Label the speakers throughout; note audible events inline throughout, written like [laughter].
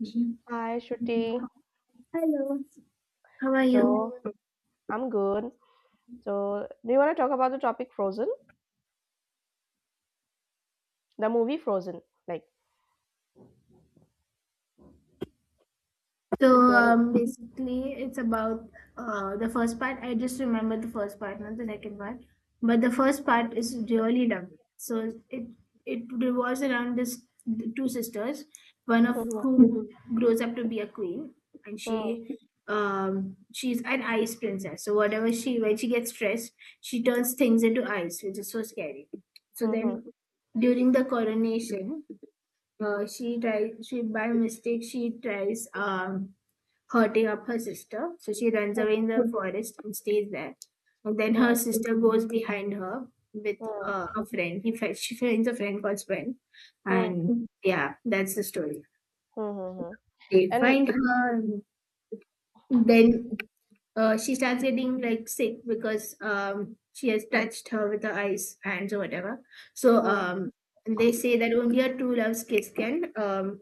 Speaker 1: Mhm.
Speaker 2: Hi, Shruti.
Speaker 1: Hello, how are you?
Speaker 2: So I'm good. So do you want to talk about the topic Frozen, the movie Frozen? Like, do you want to?
Speaker 1: Basically, it's about the first part. I just remember the first part, not the second part. But the first part is really lovely. So it revolves around this the two sisters, one of whom grows up to be a queen, and
Speaker 2: Mm-hmm,
Speaker 1: she she's an ice princess. So whatever she when she gets stressed, she turns things into ice, which is so scary. So
Speaker 2: mm-hmm,
Speaker 1: then, during the coronation she tries. She by mistake she tries hurting up her sister, so she runs away in
Speaker 2: mm-hmm,
Speaker 1: the forest and stays there. And then her sister goes behind her with
Speaker 2: mm-hmm,
Speaker 1: a friend. She finds a friend called Sven,
Speaker 2: mm-hmm.
Speaker 1: and yeah, that's the story.
Speaker 2: Mm-hmm.
Speaker 1: They
Speaker 2: And
Speaker 1: find her. And then she starts getting like sick because she has touched her with her eyes, hands, or whatever. So
Speaker 2: mm,
Speaker 1: um they say that only her true love's kiss can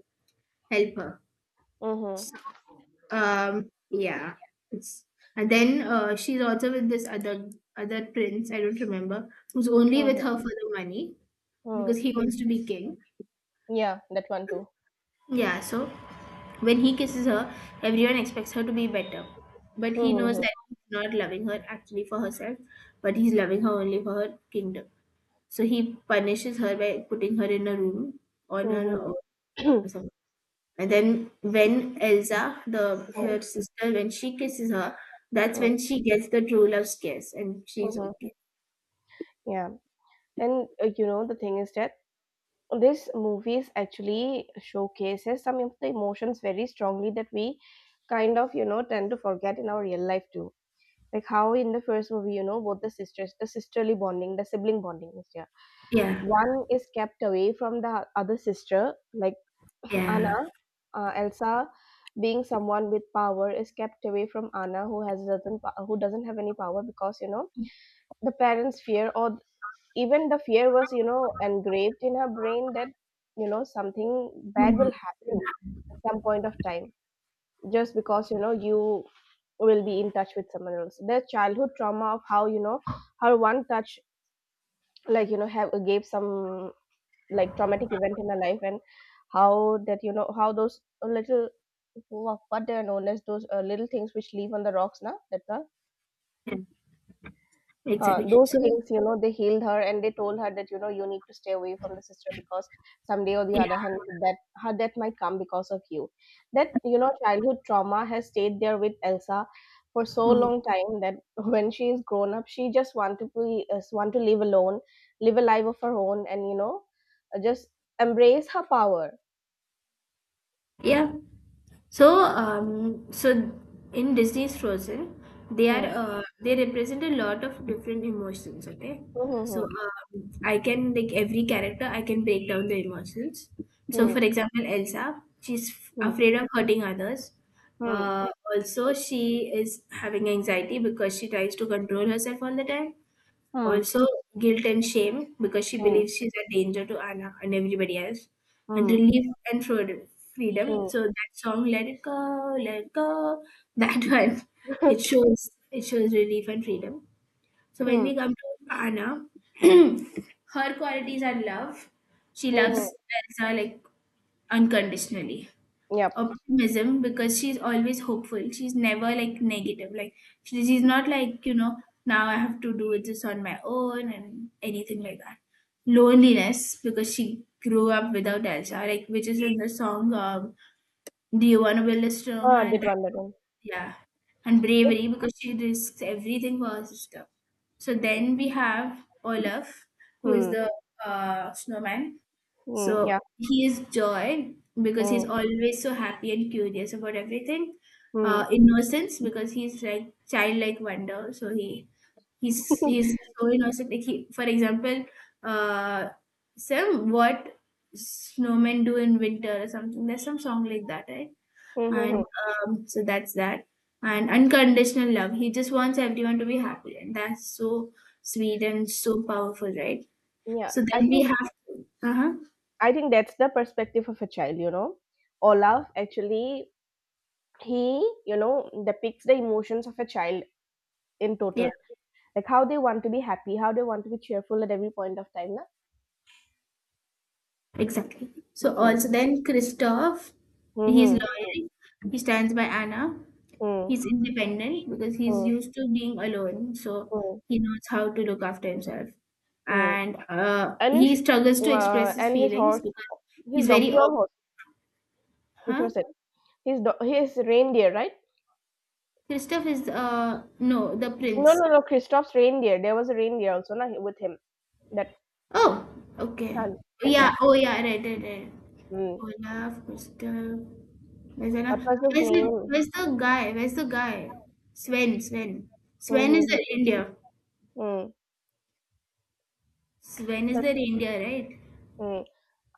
Speaker 1: help her.
Speaker 2: mhm,
Speaker 1: Yeah, it's and then she's also with this other prince. I don't remember who's only with
Speaker 2: mhm,
Speaker 1: her for the money
Speaker 2: mhm.
Speaker 1: because he wants to be king.
Speaker 2: Yeah, that one too.
Speaker 1: Yeah, so when he kisses her, everyone expects her to be better, but he knows
Speaker 2: Mhm,
Speaker 1: that he's not loving her actually for herself, but he's loving her only for her kingdom. So he punishes her by putting her in a room on her
Speaker 2: mhm,
Speaker 1: own
Speaker 2: mhm.
Speaker 1: or
Speaker 2: [clears throat]
Speaker 1: something. And then when Elsa, the
Speaker 2: Mm,
Speaker 1: her sister, when she kisses her, that's
Speaker 2: mm,
Speaker 1: when she gets the true love's kiss, and she's
Speaker 2: mhm.
Speaker 1: okay.
Speaker 2: [coughs] Yeah, and you know the thing is that this movie is actually showcases some of the emotions very strongly that we kind of you know tend to forget in our real life too, like how in the first movie, you know, both the sisters, the sisterly bonding, the sibling bonding is there.
Speaker 1: Yeah,
Speaker 2: One is kept away from the other sister, like
Speaker 1: yeah,
Speaker 2: Anna, Elsa being someone with power is kept away from Anna who has doesn't po- who doesn't have any power because, you know, the parents fear or even the fear was, you know, engraved in her brain that, you know, something bad
Speaker 1: mhm,
Speaker 2: will happen at some point of time just because, you know, you will be in touch with someone else, their childhood trauma of how, you know, how one touch, like, you know, have gave some, like, traumatic event in their life, and how that, you know, how those little what they are known as, those little things which live on the rocks now. That,
Speaker 1: yeah, exactly.
Speaker 2: those
Speaker 1: So
Speaker 2: things, you know, they healed her and they told her that, you know, you need to stay away from the sister because someday or the other
Speaker 1: yeah,
Speaker 2: hand that her death might come because of you. That, you know, childhood trauma has stayed there with Elsa for so
Speaker 1: mm,
Speaker 2: long time that [laughs] when she is grown up she just want to be, want to live alone, live a life of her own, and you know, just embrace her power.
Speaker 1: yeah. So in Disney's Frozen, they are
Speaker 2: Hmm,
Speaker 1: they represent a lot of different emotions. Okay,
Speaker 2: hmm,
Speaker 1: so
Speaker 2: hmm,
Speaker 1: I can like every character, I can break down the emotions. So, for example, Elsa,
Speaker 2: hmm,
Speaker 1: afraid of hurting others.
Speaker 2: hmm,
Speaker 1: Uh, also, she is having anxiety because she tries to control herself all the time.
Speaker 2: hmm,
Speaker 1: Also, guilt and shame because she
Speaker 2: hmm,
Speaker 1: believes she's a danger to Anna and everybody else. And
Speaker 2: hmm, hmm,
Speaker 1: relief and freedom. Freedom.
Speaker 2: hmm,
Speaker 1: So that song, "Let It Go, Let It Go," that [laughs] one,
Speaker 2: [laughs]
Speaker 1: it shows it shows relief and freedom. So when
Speaker 2: hmm,
Speaker 1: we come to Anna, [clears throat] her qualities are love. She
Speaker 2: hmm, hmm.
Speaker 1: loves Elsa like unconditionally
Speaker 2: Yep.
Speaker 1: optimism because she's always hopeful. She's never like negative. Like she's not like, you know, now I have to do this on my own and anything like that. Loneliness because she grew up without Elsa, like which is in the song Do You Wanna Build a Storm
Speaker 2: Ah, did
Speaker 1: and
Speaker 2: one that one.
Speaker 1: yeah. And
Speaker 2: It.
Speaker 1: bravery because she risks everything for her sister. So then we have Olaf, who is
Speaker 2: Mm,
Speaker 1: the snowman
Speaker 2: mm,
Speaker 1: so
Speaker 2: yeah,
Speaker 1: he is joy because he's
Speaker 2: mm,
Speaker 1: always so happy and curious about everything.
Speaker 2: mm.
Speaker 1: Innocence because he's like childlike wonder. So he's
Speaker 2: [laughs]
Speaker 1: so innocent. Like he, for example, uh, some what snowmen do in winter or something. There's some song like that, right?
Speaker 2: Mhm.
Speaker 1: And so that's that. And unconditional love. He just wants everyone to be happy, and that's so sweet and so powerful, right?
Speaker 2: Yeah,
Speaker 1: So
Speaker 2: I
Speaker 1: then we
Speaker 2: think
Speaker 1: have. Uh huh.
Speaker 2: that's the perspective of a child, you know. Olaf actually, he, you know, depicts the emotions of a child in
Speaker 1: Yeah.
Speaker 2: total. Like how they want to be happy, how they want to be cheerful at every point of time, na?
Speaker 1: Exactly. So
Speaker 2: Mm.
Speaker 1: also then Christoph, he's
Speaker 2: Mm-hmm.
Speaker 1: loyal. He stands by Anna.
Speaker 2: Mm,
Speaker 1: He's independent because he's
Speaker 2: mm,
Speaker 1: used to being alone. So
Speaker 2: mm,
Speaker 1: he knows how to look after himself.
Speaker 2: mm.
Speaker 1: And
Speaker 2: And
Speaker 1: he
Speaker 2: his,
Speaker 1: struggles to express his
Speaker 2: and his
Speaker 1: feelings
Speaker 2: horse,
Speaker 1: because
Speaker 2: his
Speaker 1: he's
Speaker 2: donkey
Speaker 1: very,
Speaker 2: or
Speaker 1: op-
Speaker 2: horse, which
Speaker 1: huh?
Speaker 2: was it? His reindeer, right?
Speaker 1: Christoph is no the
Speaker 2: No,
Speaker 1: prince.
Speaker 2: no, no. Christoph's reindeer. There was a reindeer also, na, with him.
Speaker 1: Oh, okay.
Speaker 2: Ah,
Speaker 1: Oh,
Speaker 2: that
Speaker 1: yeah,
Speaker 2: one.
Speaker 1: oh yeah, right, right, right.
Speaker 2: Mm.
Speaker 1: Olaf, Mr. Where's
Speaker 2: What
Speaker 1: Olaf?
Speaker 2: was his name?
Speaker 1: Where's the guy? Where's the guy? Sven, Sven. Sven is the
Speaker 2: Mm-hmm.
Speaker 1: reindeer.
Speaker 2: Mm.
Speaker 1: Sven is
Speaker 2: Such,
Speaker 1: the reindeer, right?
Speaker 2: mm.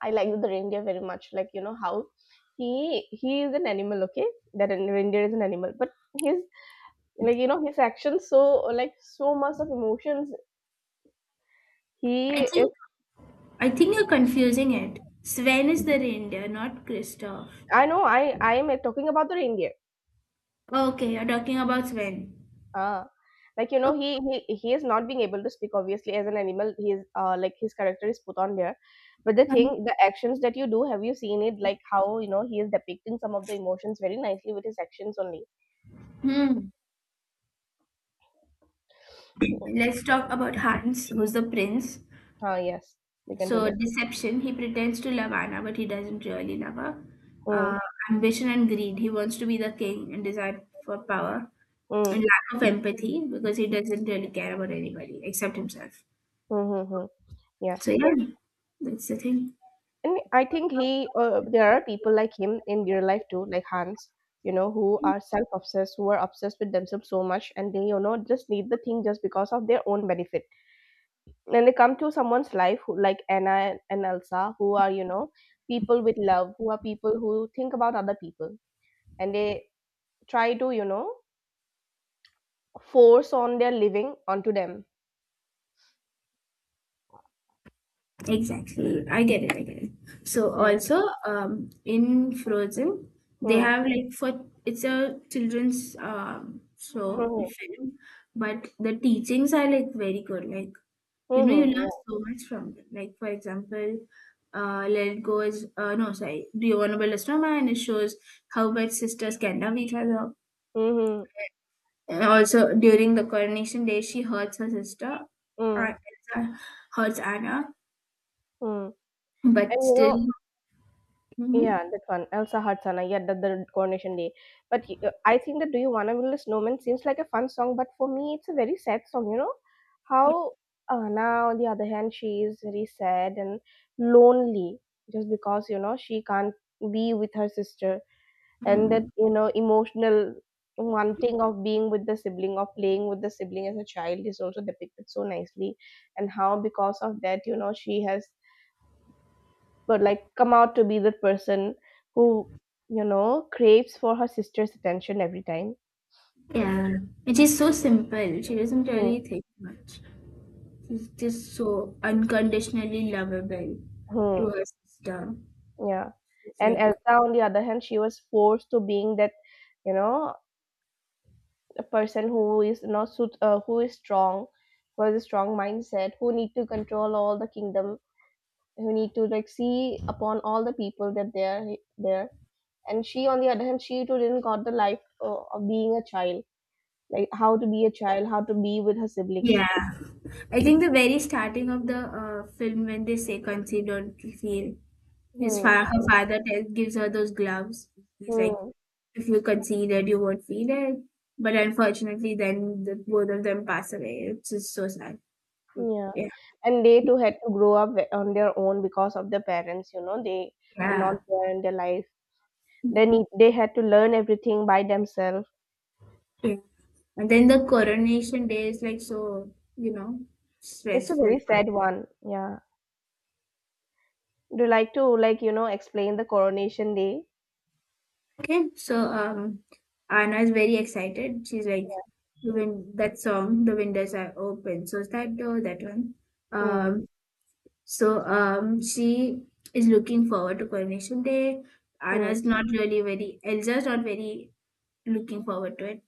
Speaker 2: I like the reindeer very much. Like, you know how he is an animal. Okay, that reindeer is an animal, but his, like, you know, his actions, so like so much of emotions.
Speaker 1: I
Speaker 2: He is.
Speaker 1: think I think you're confusing it. Sven is the reindeer, not Kristoff.
Speaker 2: I know. I am talking about the reindeer.
Speaker 1: Okay, you're talking about Sven.
Speaker 2: Ah, like, you know,
Speaker 1: Okay.
Speaker 2: he is not being able to speak. Obviously, as an animal, he is, like, his character is put on there. But the
Speaker 1: Fine.
Speaker 2: thing, the actions that you do, have you seen it? Like how, you know, he is depicting some of the emotions very nicely with his actions only.
Speaker 1: Hmm.
Speaker 2: Mm.
Speaker 1: Let's talk about Hans, who's the prince.
Speaker 2: Ah, yes, we can do
Speaker 1: So
Speaker 2: that.
Speaker 1: deception, he pretends to love Anna, but he doesn't really love her.
Speaker 2: Mm,
Speaker 1: Uh, ambition and greed, he wants to be the king and desire for power.
Speaker 2: mm,
Speaker 1: And lack of empathy because he doesn't really care about anybody except himself.
Speaker 2: mm, mm, mm. Yeah,
Speaker 1: So yeah, that's the thing.
Speaker 2: and I think he, there are people like him in real life too, like Hans. You know, who are self-obsessed, who are obsessed with themselves so much, and they, you know, just need the thing just because of their own benefit when they come to someone's life who, like Anna and Elsa, who are, you know, people with love, who are people who think about other people, and they try to, you know, force on their living onto them.
Speaker 1: Exactly, I get it. I get it. So
Speaker 2: Hmm.
Speaker 1: also, in Frozen, they
Speaker 2: Hmm.
Speaker 1: have like for it's a children's show
Speaker 2: Hmm.
Speaker 1: film, but the teachings are like very good. Like you
Speaker 2: Hmm.
Speaker 1: know, you learn
Speaker 2: Hmm.
Speaker 1: so much from them. Like, for example, Let It Go is, no, sorry, Do You Wanna Build a Snowman? And it shows how much sisters can love each other.
Speaker 2: Hmm.
Speaker 1: And also, during the coronation day, she hurts her sister,
Speaker 2: Hmm. Hmm.
Speaker 1: uh, Elsa hurts Anna,
Speaker 2: Hmm. And
Speaker 1: but
Speaker 2: you know.
Speaker 1: still, hmm,
Speaker 2: Yeah, that one. Elsa Hadsana. Yeah, that the coronation day. But I think that Do You Wanna Build a Snowman seems like a fun song, but for me, it's a very sad song. You know how, now on the other hand, she is very sad and lonely just because, you know, she can't be with her sister, and that,
Speaker 1: mm,
Speaker 2: you know, emotional wanting of being with the sibling or playing with the sibling as a child is also depicted so nicely, and how because of that, you know, she has, but like, come out to be the person who, you know, craves for her sister's attention every time.
Speaker 1: yeah. And she's so simple. She doesn't
Speaker 2: Hmm,
Speaker 1: really think much. She's just so unconditionally lovable to
Speaker 2: hmm,
Speaker 1: her sister.
Speaker 2: yeah,
Speaker 1: It's
Speaker 2: and
Speaker 1: like,
Speaker 2: Elsa on the other hand, she was forced to being that, you know, a person who is not suit who is strong, who has a strong mindset, who need to control all the kingdom, who need to like see upon all the people that they are there, and she on the other hand, she too didn't got the life, of being a child, like how to be a child, how to be with her sibling.
Speaker 1: yeah. I think the very starting of the film when they say conceived or feel
Speaker 2: Hmm.
Speaker 1: her father tells gives her those gloves. He's like,
Speaker 2: Hmm.
Speaker 1: if you concede it, you won't feel it. But unfortunately, then the, both of them pass away. It's just so sad.
Speaker 2: Yeah,
Speaker 1: Yeah,
Speaker 2: and they too had to grow up on their own because of the parents, you know, they were not
Speaker 1: yeah,
Speaker 2: there in their life. They need they had to learn everything by themselves.
Speaker 1: yeah. And then the coronation day is like so, you know,
Speaker 2: It's a
Speaker 1: stressful.
Speaker 2: very sad one. Yeah. Do you like to, like, you know, explain the coronation day?
Speaker 1: Okay, so Anna is very excited. She's
Speaker 2: Yeah.
Speaker 1: like, the win- that song, the windows are open. So it's that door, that one.
Speaker 2: Mm,
Speaker 1: Um, she is looking forward to Coronation Day.
Speaker 2: mm,
Speaker 1: Anna's not really very, Elsa's not very looking forward to it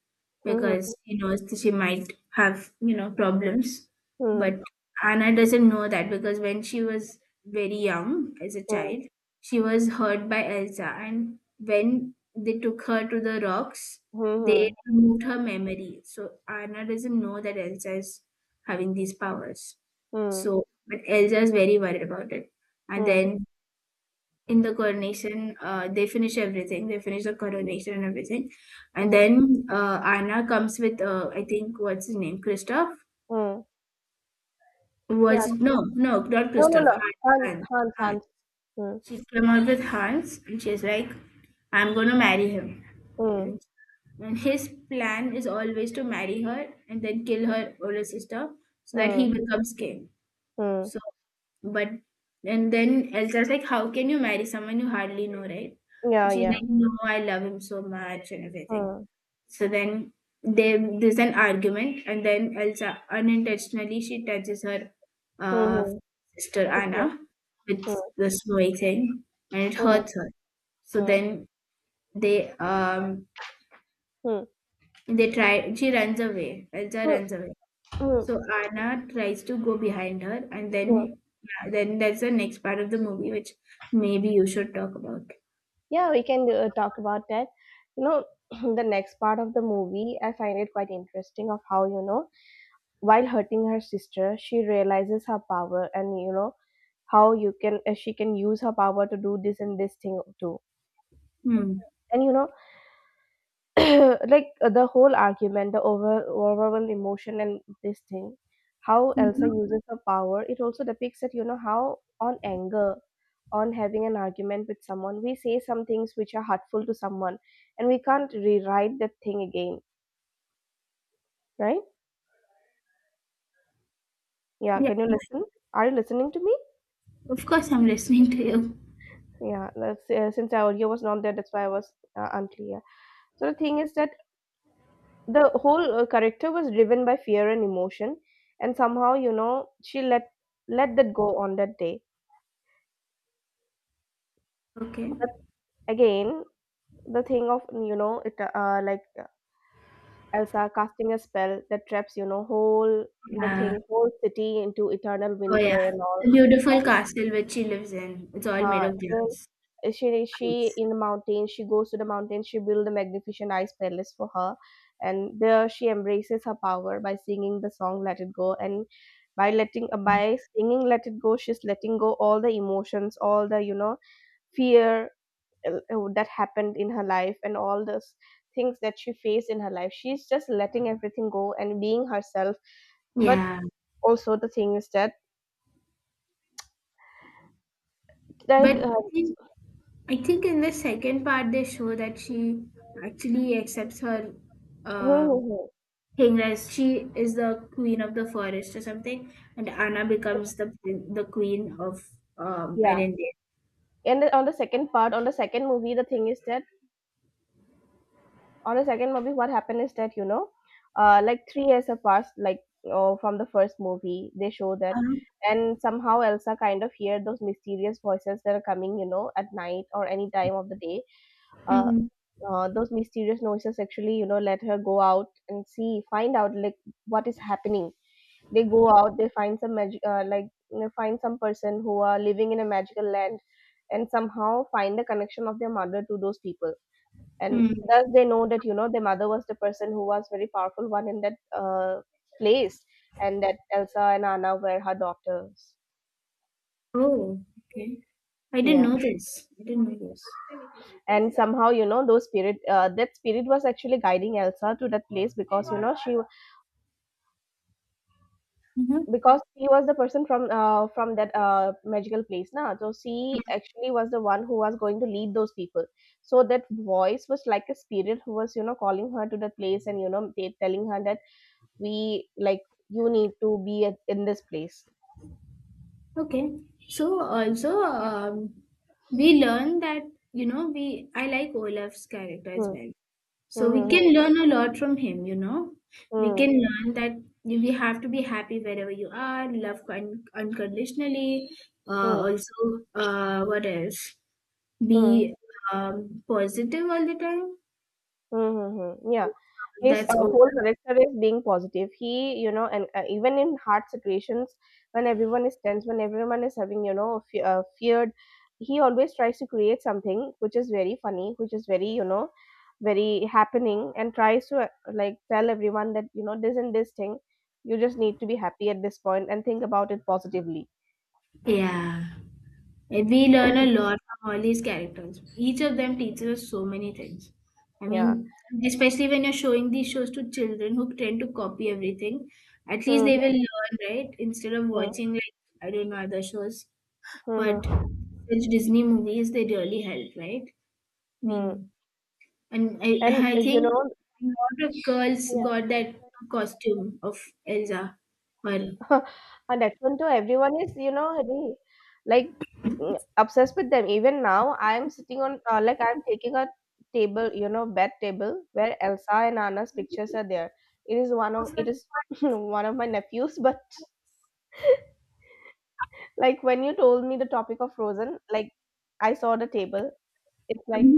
Speaker 2: mm,
Speaker 1: because she knows that she might have, you know, problems.
Speaker 2: mm,
Speaker 1: But Anna doesn't know that because when she was very young as a
Speaker 2: mm,
Speaker 1: child, she was hurt by Elsa. And when they took her to the rocks, they
Speaker 2: mm,
Speaker 1: removed her memory. So Anna doesn't know that Elsa is having these powers.
Speaker 2: mm,
Speaker 1: So, but Elsa is very worried about it. And
Speaker 2: mm,
Speaker 1: then in the coronation, they finish everything. They finish the coronation and everything. And
Speaker 2: mm,
Speaker 1: then Anna comes with, I think, what's his name? Christoph?
Speaker 2: mm. Yeah.
Speaker 1: Was it? No, no, not
Speaker 2: No, no,
Speaker 1: Christoph.
Speaker 2: no.
Speaker 1: Hans,
Speaker 2: Hans,
Speaker 1: Hans,
Speaker 2: Hans,
Speaker 1: Hans.
Speaker 2: Hans. Mm,
Speaker 1: She came out with Hans and she's like, I'm going to marry him.
Speaker 2: mm,
Speaker 1: And, and his plan is always to marry her and then kill her older sister so that
Speaker 2: mm,
Speaker 1: he becomes king.
Speaker 2: mm.
Speaker 1: So but and then Elsa's like, how can you marry someone you hardly know, right?
Speaker 2: Yeah,
Speaker 1: She's
Speaker 2: yeah.
Speaker 1: like, no, I love him so much and everything.
Speaker 2: Mm,
Speaker 1: So then they there's an argument and then Elsa unintentionally she touches her
Speaker 2: mm,
Speaker 1: uh
Speaker 2: mm,
Speaker 1: sister Anna with
Speaker 2: mm,
Speaker 1: the snowy thing and it hurts her. So
Speaker 2: mm,
Speaker 1: then they um
Speaker 2: mm.
Speaker 1: they try she runs away. Elsa
Speaker 2: Mm.
Speaker 1: runs away.
Speaker 2: Mm,
Speaker 1: So Anna tries to go behind her, and
Speaker 2: mm.
Speaker 1: then yeah, then there's the next part of the movie which maybe you should talk about.
Speaker 2: Yeah, we can, talk about that. You know, [clears throat] the next part of the movie, I find it quite interesting of how, you know, while hurting her sister, she realizes her power and, you know, how you can, she can use her power to do this and this thing too.
Speaker 1: Hmm.
Speaker 2: And you know, [clears throat] like, the whole argument, the overall emotion and this thing, how Elsa
Speaker 1: Mhm.
Speaker 2: uses her power, it also depicts that, you know, how on anger, on having an argument with someone, we say some things which are hurtful to someone, and we can't rewrite that thing again, right? Yeah,
Speaker 1: Yeah,
Speaker 2: can you listen? Are you listening to me?
Speaker 1: of course, I'm listening to you.
Speaker 2: Yeah, that's, since our audio was not there, that's why I was, unclear. So the thing is that the whole, character was driven by fear and emotion, and somehow, you know, she let that go on that day.
Speaker 1: Okay.
Speaker 2: But again, the thing of, you know, it, like Elsa casting a spell that traps, you know, whole the
Speaker 1: Yeah.
Speaker 2: thing, whole city into eternal
Speaker 1: Oh yeah.
Speaker 2: winter and all.
Speaker 1: The beautiful
Speaker 2: And,
Speaker 1: castle which she lives in. It's all made of
Speaker 2: again,
Speaker 1: glass.
Speaker 2: she
Speaker 1: Ice.
Speaker 2: in the mountain. She goes to the mountain. She builds a magnificent ice palace for her, and there she embraces her power by singing the song "Let It Go." And by letting, by singing "Let It Go," she's letting go all the emotions, all the, you know, fear, that happened in her life, and all those things that she faced in her life she's just letting everything go and being herself. But
Speaker 1: Yeah.
Speaker 2: also the thing is that
Speaker 1: But
Speaker 2: like,
Speaker 1: I think in the second part they show that she actually accepts her
Speaker 2: hmm,
Speaker 1: uh,
Speaker 2: hmm, hmm.
Speaker 1: Hingis, she is the queen of the forest or something, and Anna becomes the queen of
Speaker 2: Yeah,
Speaker 1: Irondeer.
Speaker 2: and on the second part, on the second movie the thing is that on the second movie what happened is that, you know, like 3 years have passed, like oh, from the first movie they show that.
Speaker 1: Uh,
Speaker 2: And somehow Elsa kind of hear those mysterious voices that are coming, you know, at night or any time of the day, uh
Speaker 1: Mm,
Speaker 2: those mysterious noises actually, you know, let her go out and see find out like what is happening. They go out, they find some magic, like they find some person who are living in a magical land, and somehow find the connection of their mother to those people, and
Speaker 1: mm.
Speaker 2: thus they know that, you know, their mother was the person who was very powerful one in that, place, and that Elsa and Anna were her daughters.
Speaker 1: Oh, okay.
Speaker 2: Yeah,
Speaker 1: I didn't know this.
Speaker 2: and somehow, you know, those spirit, that spirit was actually guiding Elsa to that place because, you know, she,
Speaker 1: Mhm.
Speaker 2: because she was the person from, from that, magical place now, so she actually was the one who was going to lead those people, so that voice was like a spirit who was, you know, calling her to that place, and you know they telling her that we like you need to be at, in this place.
Speaker 1: Okay. So also, we learn that you know we I like Olaf's character as
Speaker 2: Hmm.
Speaker 1: well. So we
Speaker 2: Hmm.
Speaker 1: can learn a lot from him, you know. We
Speaker 2: Hmm. Hmm.
Speaker 1: can learn that we have to be happy wherever you are, love unconditionally.
Speaker 2: Hmm.
Speaker 1: Also, what else?
Speaker 2: Hmm.
Speaker 1: Be positive all the time.
Speaker 2: Mm-hmm. Yeah. His,
Speaker 1: That's all.
Speaker 2: whole character is being positive. He, you know, and, even in hard situations, when everyone is tense, when everyone is having, you know, feared, he always tries to create something which is very funny, which is very, you know, very happening, and tries to, like tell everyone that, you know, this and this thing, you just need to be happy at this point and think about it positively.
Speaker 1: Yeah. And we learn a
Speaker 2: [coughs] [clears throat]
Speaker 1: lot from all these characters. Each of them teaches us so many things. I
Speaker 2: Yeah.
Speaker 1: mean, especially when you're showing these shows to children who tend to copy everything, at least they will
Speaker 2: Mm-hmm.
Speaker 1: learn, right? Instead of watching, like, I don't know, other shows. But
Speaker 2: Mm-hmm.
Speaker 1: such Disney movies, they really help, right? I
Speaker 2: Mm-hmm.
Speaker 1: mean, and
Speaker 2: And, uh,
Speaker 1: I
Speaker 2: you
Speaker 1: think
Speaker 2: know,
Speaker 1: a lot of girls got that costume of Elsa. Or,
Speaker 2: [laughs] and that one too, everyone is, really, like obsessed with them. Even now, I'm sitting on, I'm taking a table, you know, bed table where Elsa and Anna's pictures are there. It is [laughs] one of my nephews, [laughs] but like when you told me the topic of Frozen, like I saw the table. It's like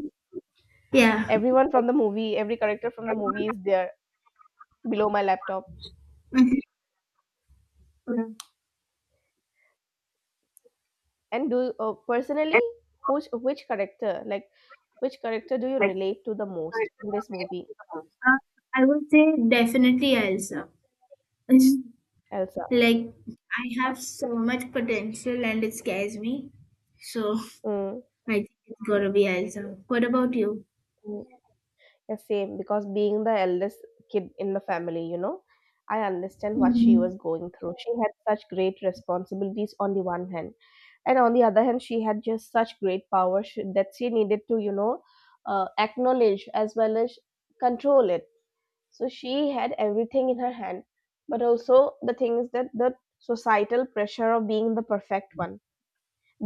Speaker 1: yeah.
Speaker 2: everyone from the movie, every character from the movie is there below my laptop. And do personally, which character like? Which character do you
Speaker 1: [laughs]
Speaker 2: relate to the most in this movie,
Speaker 1: Uh, I would say definitely Elsa. It's
Speaker 2: Elsa?
Speaker 1: like I have so much potential and it scares me. So
Speaker 2: Mm,
Speaker 1: I think it's gonna be Elsa. What about you?
Speaker 2: mm. Yeah, same, because being the eldest kid in the family, you know, I understand what she
Speaker 1: Mm,
Speaker 2: was going through. She had such great responsibilities on the one hand, and on the other hand, she had just such great that she needed to, acknowledge as well as control it. So she had everything in her hand, but also the thing is that the societal pressure of being the perfect one,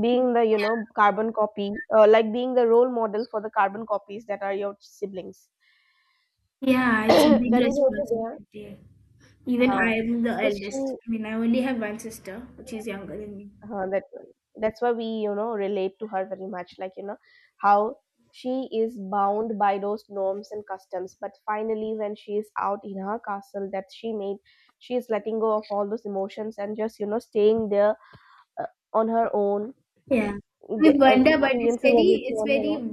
Speaker 2: being the carbon copy, like being the role model for the carbon copies that are your siblings, [clears throat]
Speaker 1: yeah, it's a big
Speaker 2: that is also there,
Speaker 1: responsibility. Even
Speaker 2: uh,
Speaker 1: I'm the
Speaker 2: so
Speaker 1: eldest.
Speaker 2: she
Speaker 1: I mean, I only have one sister, which is younger than me.
Speaker 2: that that's why we, relate to her very much, like how she is bound by those norms and customs, but finally when she is out in her castle that she made, she is letting go of all those emotions and just, staying there, uh, on her own,
Speaker 1: Yeah, I wonder, but
Speaker 2: experiencing everything
Speaker 1: it's
Speaker 2: on her
Speaker 1: very
Speaker 2: own.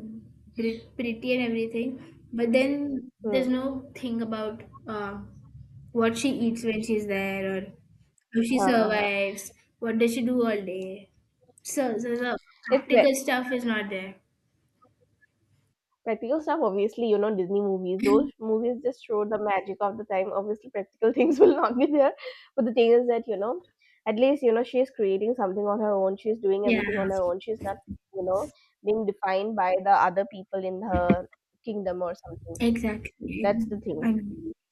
Speaker 1: pretty and everything. But then
Speaker 2: Hmm.
Speaker 1: there's no thing about what she eats when she's there, or how she
Speaker 2: Uh,
Speaker 1: survives. What does she do all day? So the
Speaker 2: it's very
Speaker 1: practical stuff is not there.
Speaker 2: practical stuff. Obviously, you know, Disney movies, those movies just show the magic of the time. Obviously practical [laughs] things will not be there, but the thing is that, you know, at least, you know, she's creating something on her own, she's doing
Speaker 1: Yeah,
Speaker 2: everything on her own, she's not, you know, being defined by the other people in her kingdom or something.
Speaker 1: exactly.
Speaker 2: That's the thing.
Speaker 1: I,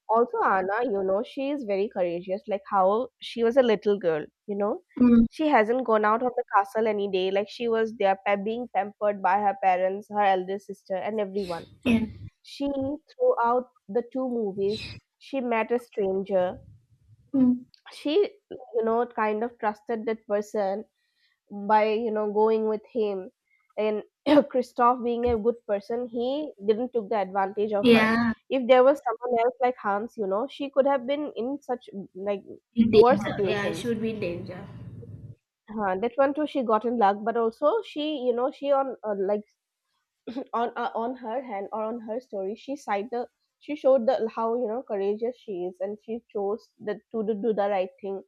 Speaker 2: Also, Anna, you know, she is very courageous. Like how she was a little girl, you know,
Speaker 1: mm,
Speaker 2: she hasn't gone out of the castle any day. Like she was there being pampered by her parents, her eldest sister, and everyone.
Speaker 1: yeah,
Speaker 2: She, throughout the two movies, she met a stranger.
Speaker 1: mm,
Speaker 2: She, you know, kind of trusted that person by, going with him, and [clears throat] Christoph being a good person, he didn't took the advantage of her.
Speaker 1: yeah,
Speaker 2: If there was someone else like Hans, you know, she could have been in such, like,
Speaker 1: in
Speaker 2: worse
Speaker 1: danger. Yeah, I
Speaker 2: situations.
Speaker 1: should be in danger.
Speaker 2: That one too, she got in luck, but also she, on her hand, or on her story, she showed the, how you know courageous she is, and she chose that to do the right thing.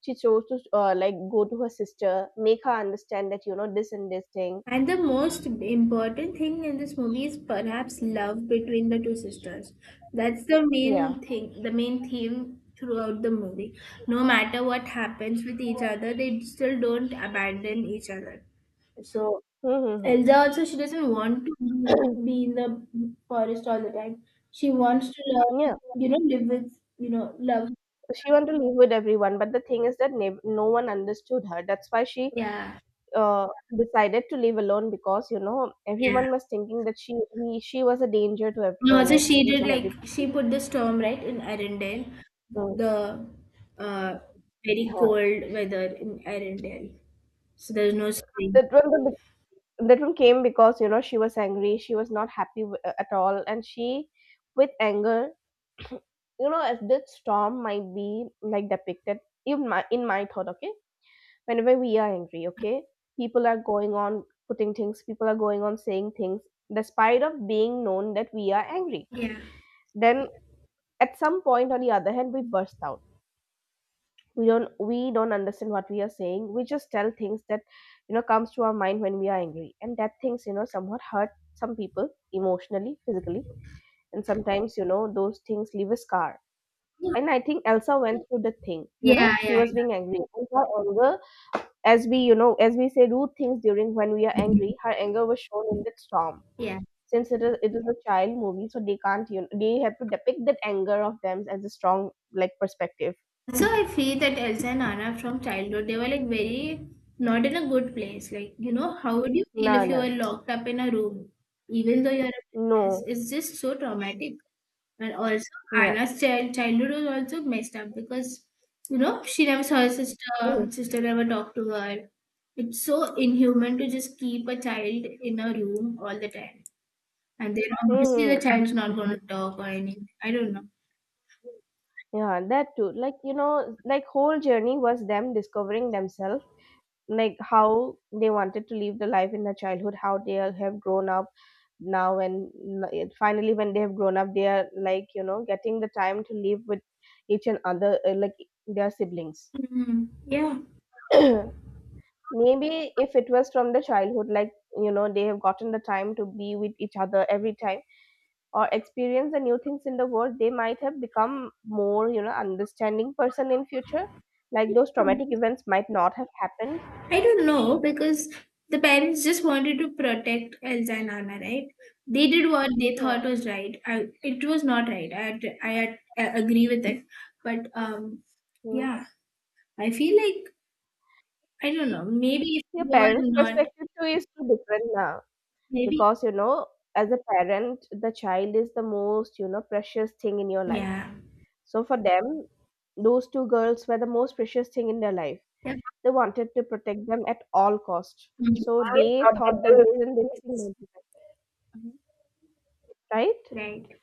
Speaker 2: She chose to, like, go to her sister, make her understand that, you know, this and this thing.
Speaker 1: And the most important thing in this movie is perhaps love between the two sisters. That's the
Speaker 2: Yeah.
Speaker 1: main thing, the main theme throughout the movie. No matter what happens with each other, they still don't abandon each other. So
Speaker 2: Mm-hmm.
Speaker 1: Elsa also she doesn't want to be in the forest all the time. She wants to love,
Speaker 2: Yeah.
Speaker 1: you know, live with, you know, love.
Speaker 2: So, she wanted to live with everyone, but the thing is that no one understood her. That's why she,
Speaker 1: Yeah.
Speaker 2: uh, decided to live alone, because, you know,
Speaker 1: Yeah.
Speaker 2: everyone was thinking that she was a danger to
Speaker 1: And also,
Speaker 2: like,
Speaker 1: she
Speaker 2: each
Speaker 1: did
Speaker 2: and
Speaker 1: like
Speaker 2: every. Person.
Speaker 1: she put the storm right in Arendelle,
Speaker 2: Mm.
Speaker 1: the uh, very
Speaker 2: Uh,
Speaker 1: cold weather in Arendelle. So there's no spring.
Speaker 2: That one the, that one came because, you know, she was angry. She was not happy at all, and she, with anger, [clears throat] you know, as this storm might be like depicted in my thought. Okay, whenever we are angry, okay, people are going on putting things, people are going on saying things despite of being known that we are angry,
Speaker 1: Yeah.
Speaker 2: then at some point on the other hand we burst out, we don't understand what we are saying, we just tell things that, you know, comes to our mind when we are angry, and that things, you know, somewhat hurt some people emotionally, physically. And sometimes, you know, those things leave a scar. And I think Elsa went through the thing, you know,
Speaker 1: Yeah,
Speaker 2: she
Speaker 1: yeah,
Speaker 2: was being angry, and her anger, as we, you know, as we say rude things during when we are
Speaker 1: yeah.
Speaker 2: angry, her anger was shown in that storm.
Speaker 1: Yeah.
Speaker 2: Since it is a child movie, so they can't, you know, they have to depict that anger of them as a strong, like, perspective.
Speaker 1: So I feel that Elsa and Anna from childhood, they were like very not in a good place. Like, you know, how would you
Speaker 2: No,
Speaker 1: feel if you were
Speaker 2: no,
Speaker 1: locked up in a room, even though you're a princess?
Speaker 2: no,
Speaker 1: It's just so traumatic. And also,
Speaker 2: yeah.
Speaker 1: Anna's child childhood was also messed up because, you know, she never saw her sister, sister never talked to her. It's so inhuman to just keep a child in a room all the time. And then obviously the
Speaker 2: Mm-hmm.
Speaker 1: child's not going to talk or anything. I don't know.
Speaker 2: Yeah, that too. Like, you know, like whole journey was them discovering themselves, like how they wanted to live the life in their childhood, how they have grown up now, and finally when they have grown up, they are, like, you know, getting the time to live with each and other, like, their siblings.
Speaker 1: Hmm, yeah,
Speaker 2: [clears throat] Maybe if it was from the childhood, like, you know, they have gotten the time to be with each other every time, or experience the new things in the world, they might have become more, you know, understanding person in future. Like those traumatic events might not have happened.
Speaker 1: I don't know because the parents just wanted to protect Elsa and Anna, right? They did what they
Speaker 2: Yeah.
Speaker 1: thought was right. I, it was not right. I agree with it, but
Speaker 2: Mm.
Speaker 1: yeah, I feel like I don't know. Maybe if
Speaker 2: Your
Speaker 1: they were
Speaker 2: parents'
Speaker 1: not,
Speaker 2: perspective too is too different now,
Speaker 1: maybe,
Speaker 2: because, you know, as a parent, the child is the most, you know, precious thing in your life.
Speaker 1: yeah.
Speaker 2: So for them, those two girls were the most precious thing in their life.
Speaker 1: Yeah.
Speaker 2: They wanted to protect them at all cost. So
Speaker 1: I
Speaker 2: they
Speaker 1: thought
Speaker 2: thought
Speaker 1: that
Speaker 2: that
Speaker 1: they would-
Speaker 2: this and this thing might be best, right?
Speaker 1: right.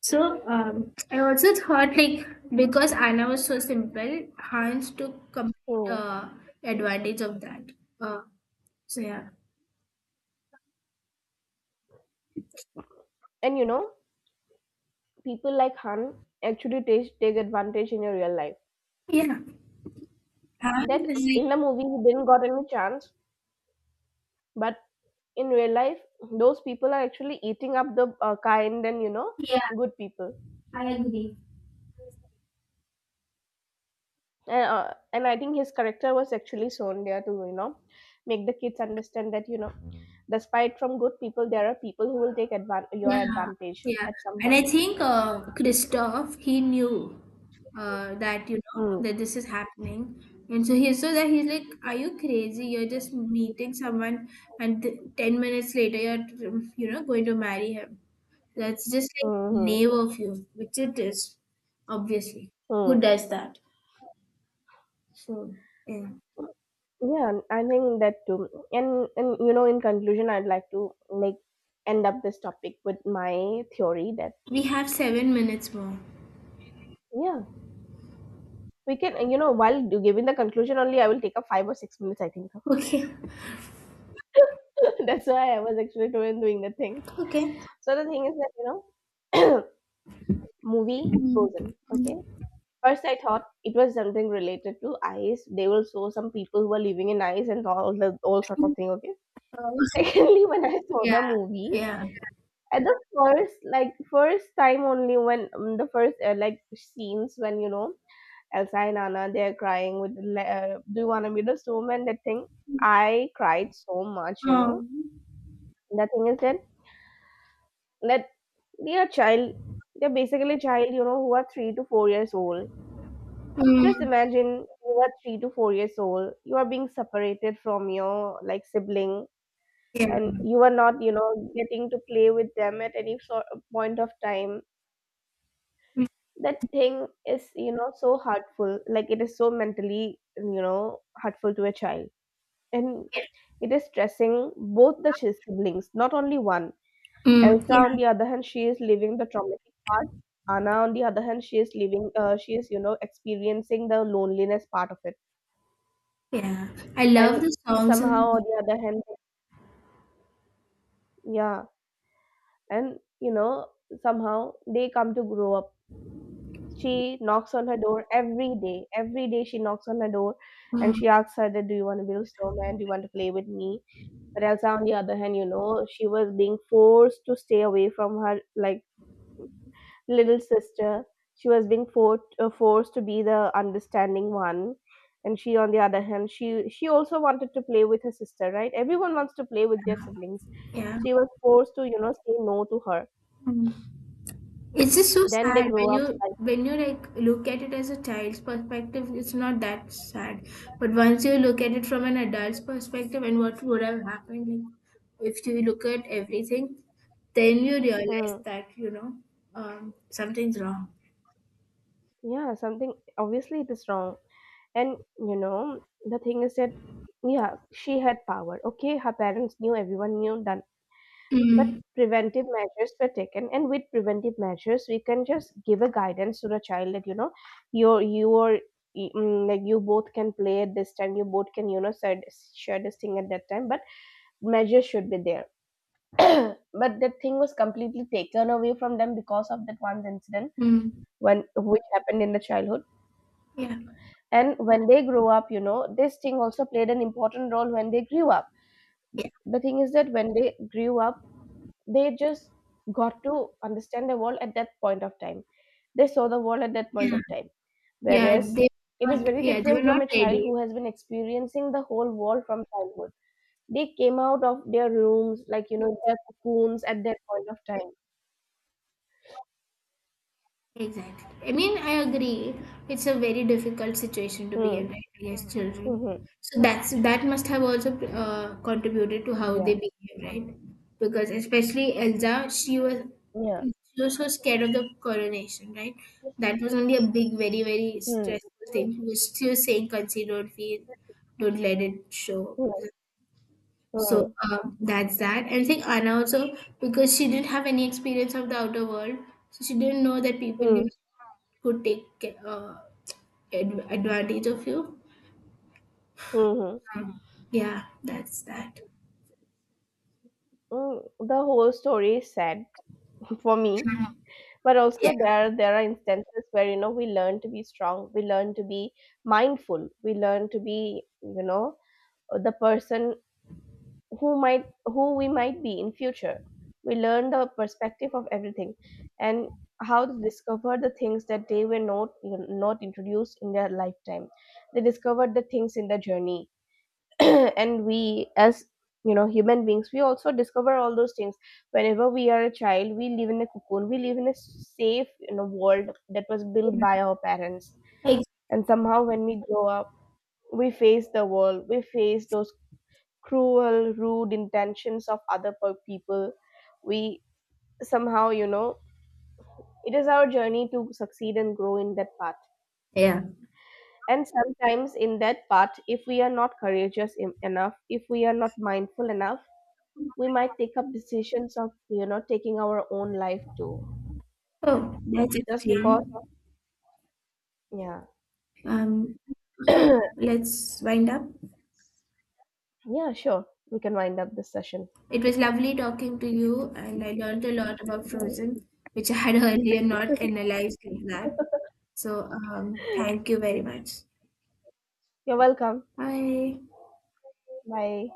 Speaker 1: So I also thought like because Anna was so simple, Hans took complete
Speaker 2: So,
Speaker 1: advantage of that. Uh, so yeah.
Speaker 2: and, you know, people like Han actually take advantage in your real life.
Speaker 1: Yeah.
Speaker 2: That
Speaker 1: Hans is like,
Speaker 2: in the movie he didn't got any chance, but in real life those people are actually eating up the, kind and, you know,
Speaker 1: yeah,
Speaker 2: good people.
Speaker 1: I agree.
Speaker 2: And, I think his character was actually shown there to, you know, make the kids understand that, you know, despite from good people, there are people who will your
Speaker 1: Yeah,
Speaker 2: advantage
Speaker 1: yeah.
Speaker 2: at some
Speaker 1: And
Speaker 2: point.
Speaker 1: I think Christoph, he knew that, you know,
Speaker 2: Mm,
Speaker 1: that this is happening. And so he so that he's like, are you crazy? You're just meeting someone, and th- 10 minutes later, you're, you know, going to marry him. That's just like
Speaker 2: hmm,
Speaker 1: knave of you, which it is, obviously. Who
Speaker 2: mm.
Speaker 1: does that? So, yeah.
Speaker 2: Yeah, and I think that too. And, you know, in conclusion, I'd like to, like, end up this topic with my theory that,
Speaker 1: We have 7 minutes more.
Speaker 2: yeah, we can, you know, while giving the conclusion only, I will take up 5 or 6 minutes, I think.
Speaker 1: Okay,
Speaker 2: [laughs] That's why I was actually doing the thing.
Speaker 1: okay.
Speaker 2: So the thing is that, you know, [coughs] [clears throat] movie
Speaker 1: Mm,
Speaker 2: Frozen, okay?
Speaker 1: mm.
Speaker 2: First, I thought it was something related to ice. They will show some people who are living in ice and all sort of thing, okay?
Speaker 1: Uh,
Speaker 2: [laughs] Secondly, when I saw
Speaker 1: yeah,
Speaker 2: the movie,
Speaker 1: yeah.
Speaker 2: at the first, like first time only, when the first, like, scenes, when, you know, Elsa and Anna, they're crying with, do you want to be the snowman? That thing. I cried so much, you know.
Speaker 1: Um,
Speaker 2: The thing is that, that they are child, they're basically child, you know, who are 3 to 4 years old.
Speaker 1: mm,
Speaker 2: Just imagine you are 3 to 4 years old, you are being separated from your, like, sibling,
Speaker 1: yeah.
Speaker 2: and you are not, you know, getting to play with them at any sort of point of time.
Speaker 1: Mm,
Speaker 2: That thing is, you know, so hurtful. Like it is so mentally, you know, hurtful to a child. And
Speaker 1: yeah.
Speaker 2: it is stressing both the siblings, not only one.
Speaker 1: Mm,
Speaker 2: Elsa, on
Speaker 1: yeah,
Speaker 2: the other hand, she is living the traumatic part. Anna, on the other hand, she is living, you know, experiencing the loneliness part of it.
Speaker 1: yeah. I love
Speaker 2: And
Speaker 1: the songs and the
Speaker 2: somehow,
Speaker 1: music.
Speaker 2: on the other hand, yeah, and, you know, somehow they come to grow up. She knocks on her door every day. Every day she knocks on her door and
Speaker 1: Mm,
Speaker 2: she asks her that, do you want to be a snowman? Do you want to play with me? But Elsa, on the other hand, you know, she was being forced to stay away from her, like, little sister. She was being forced to be the understanding one, and she, on the other hand, she also wanted to play with her sister, right? Everyone wants to play with their siblings.
Speaker 1: yeah.
Speaker 2: She was forced to, you know, say no to her.
Speaker 1: Mm. It's just so
Speaker 2: Then they
Speaker 1: sad
Speaker 2: grow up, like,
Speaker 1: when you like look at it as a child's perspective, it's not that sad. But once you look at it from an adult's perspective and what would have happened, like if you look at everything, then you realize
Speaker 2: mm,
Speaker 1: that, you know, something's wrong.
Speaker 2: yeah, something. Obviously, it is wrong. And, you know, the thing is that, yeah, she had power. Okay, her parents knew, everyone knew that, but
Speaker 1: Mm,
Speaker 2: preventive measures were taken. And with preventive measures, we can just give a guidance to the child that, you know, your like, you both can play at this time, you both can, you know said share this thing at that time, but measures should be there. [coughs] [clears throat] But that thing was completely taken away from them because of that one incident
Speaker 1: mm.
Speaker 2: when which happened in the childhood.
Speaker 1: Yeah.
Speaker 2: And when they grow up, you know, this thing also played an important role when they grew up.
Speaker 1: Yeah.
Speaker 2: The thing is that when they grew up, they just got to understand the world at that point of time, they saw the world at that point
Speaker 1: Yeah.
Speaker 2: of time,
Speaker 1: Yeah.
Speaker 2: whereas
Speaker 1: They
Speaker 2: it
Speaker 1: were
Speaker 2: is
Speaker 1: not
Speaker 2: very
Speaker 1: yeah, they
Speaker 2: different
Speaker 1: were
Speaker 2: from
Speaker 1: not
Speaker 2: a child
Speaker 1: ready.
Speaker 2: who has been experiencing the whole world from childhood. They came out of their rooms, like, you know, their cocoons at that point of time.
Speaker 1: Exactly. I mean, I agree. It's a very difficult situation to be
Speaker 2: Hmm.
Speaker 1: in, right, against children.
Speaker 2: Hmm, hmm.
Speaker 1: So that's that must have also contributed to how they
Speaker 2: Yeah,
Speaker 1: behave, right? Because especially Elsa,
Speaker 2: yeah.
Speaker 1: she was so scared of the coronation, right? That was only a big, very, very
Speaker 2: Hmm.
Speaker 1: stressful thing. She was saying, "Conceal, don't feel, don't let it show."
Speaker 2: Hmm.
Speaker 1: So
Speaker 2: Hmm.
Speaker 1: that's that. And I think Anna also, because she didn't have any experience of the outer world, so she didn't know that people
Speaker 2: Hmm.
Speaker 1: you
Speaker 2: Hmm.
Speaker 1: know, could take uh, advantage of you.
Speaker 2: Hmm.
Speaker 1: Yeah, that's that.
Speaker 2: Hmm, the whole story is sad for me, but
Speaker 1: Yeah.
Speaker 2: also there are instances where, you know, we learn to be strong, we learn to be mindful, we learn to be, you know, the person who might, who we might be in future. We learn the perspective of everything, and how to discover the things that they were not introduced in their lifetime. They discovered the things in the journey. [clears throat] And we as, you know, human beings, we also discover all those things. Whenever we are a child, we live in a cocoon, we live in a safe, you know, world that was built by our parents.
Speaker 1: Ex-
Speaker 2: And somehow when we grow up, we face the world, we face those cruel, rude intentions of other people. We somehow, you know, it is our journey to succeed and grow in that path.
Speaker 1: yeah.
Speaker 2: And sometimes in that path, if we are not courageous enough, if we are not mindful enough, we might take up decisions of, you know, taking our own life too.
Speaker 1: Oh, that's
Speaker 2: Just because
Speaker 1: extreme.
Speaker 2: of, yeah.
Speaker 1: Um, okay,
Speaker 2: [clears throat]
Speaker 1: let's wind up.
Speaker 2: Yeah, sure, we can wind up this session.
Speaker 1: It was lovely talking to you, and I learned a lot about
Speaker 2: Right.
Speaker 1: Frozen, which I had [laughs] earlier not analyzed like that. So, thank you very
Speaker 2: [laughs]
Speaker 1: much.
Speaker 2: You're welcome.
Speaker 1: Bye.
Speaker 2: Bye.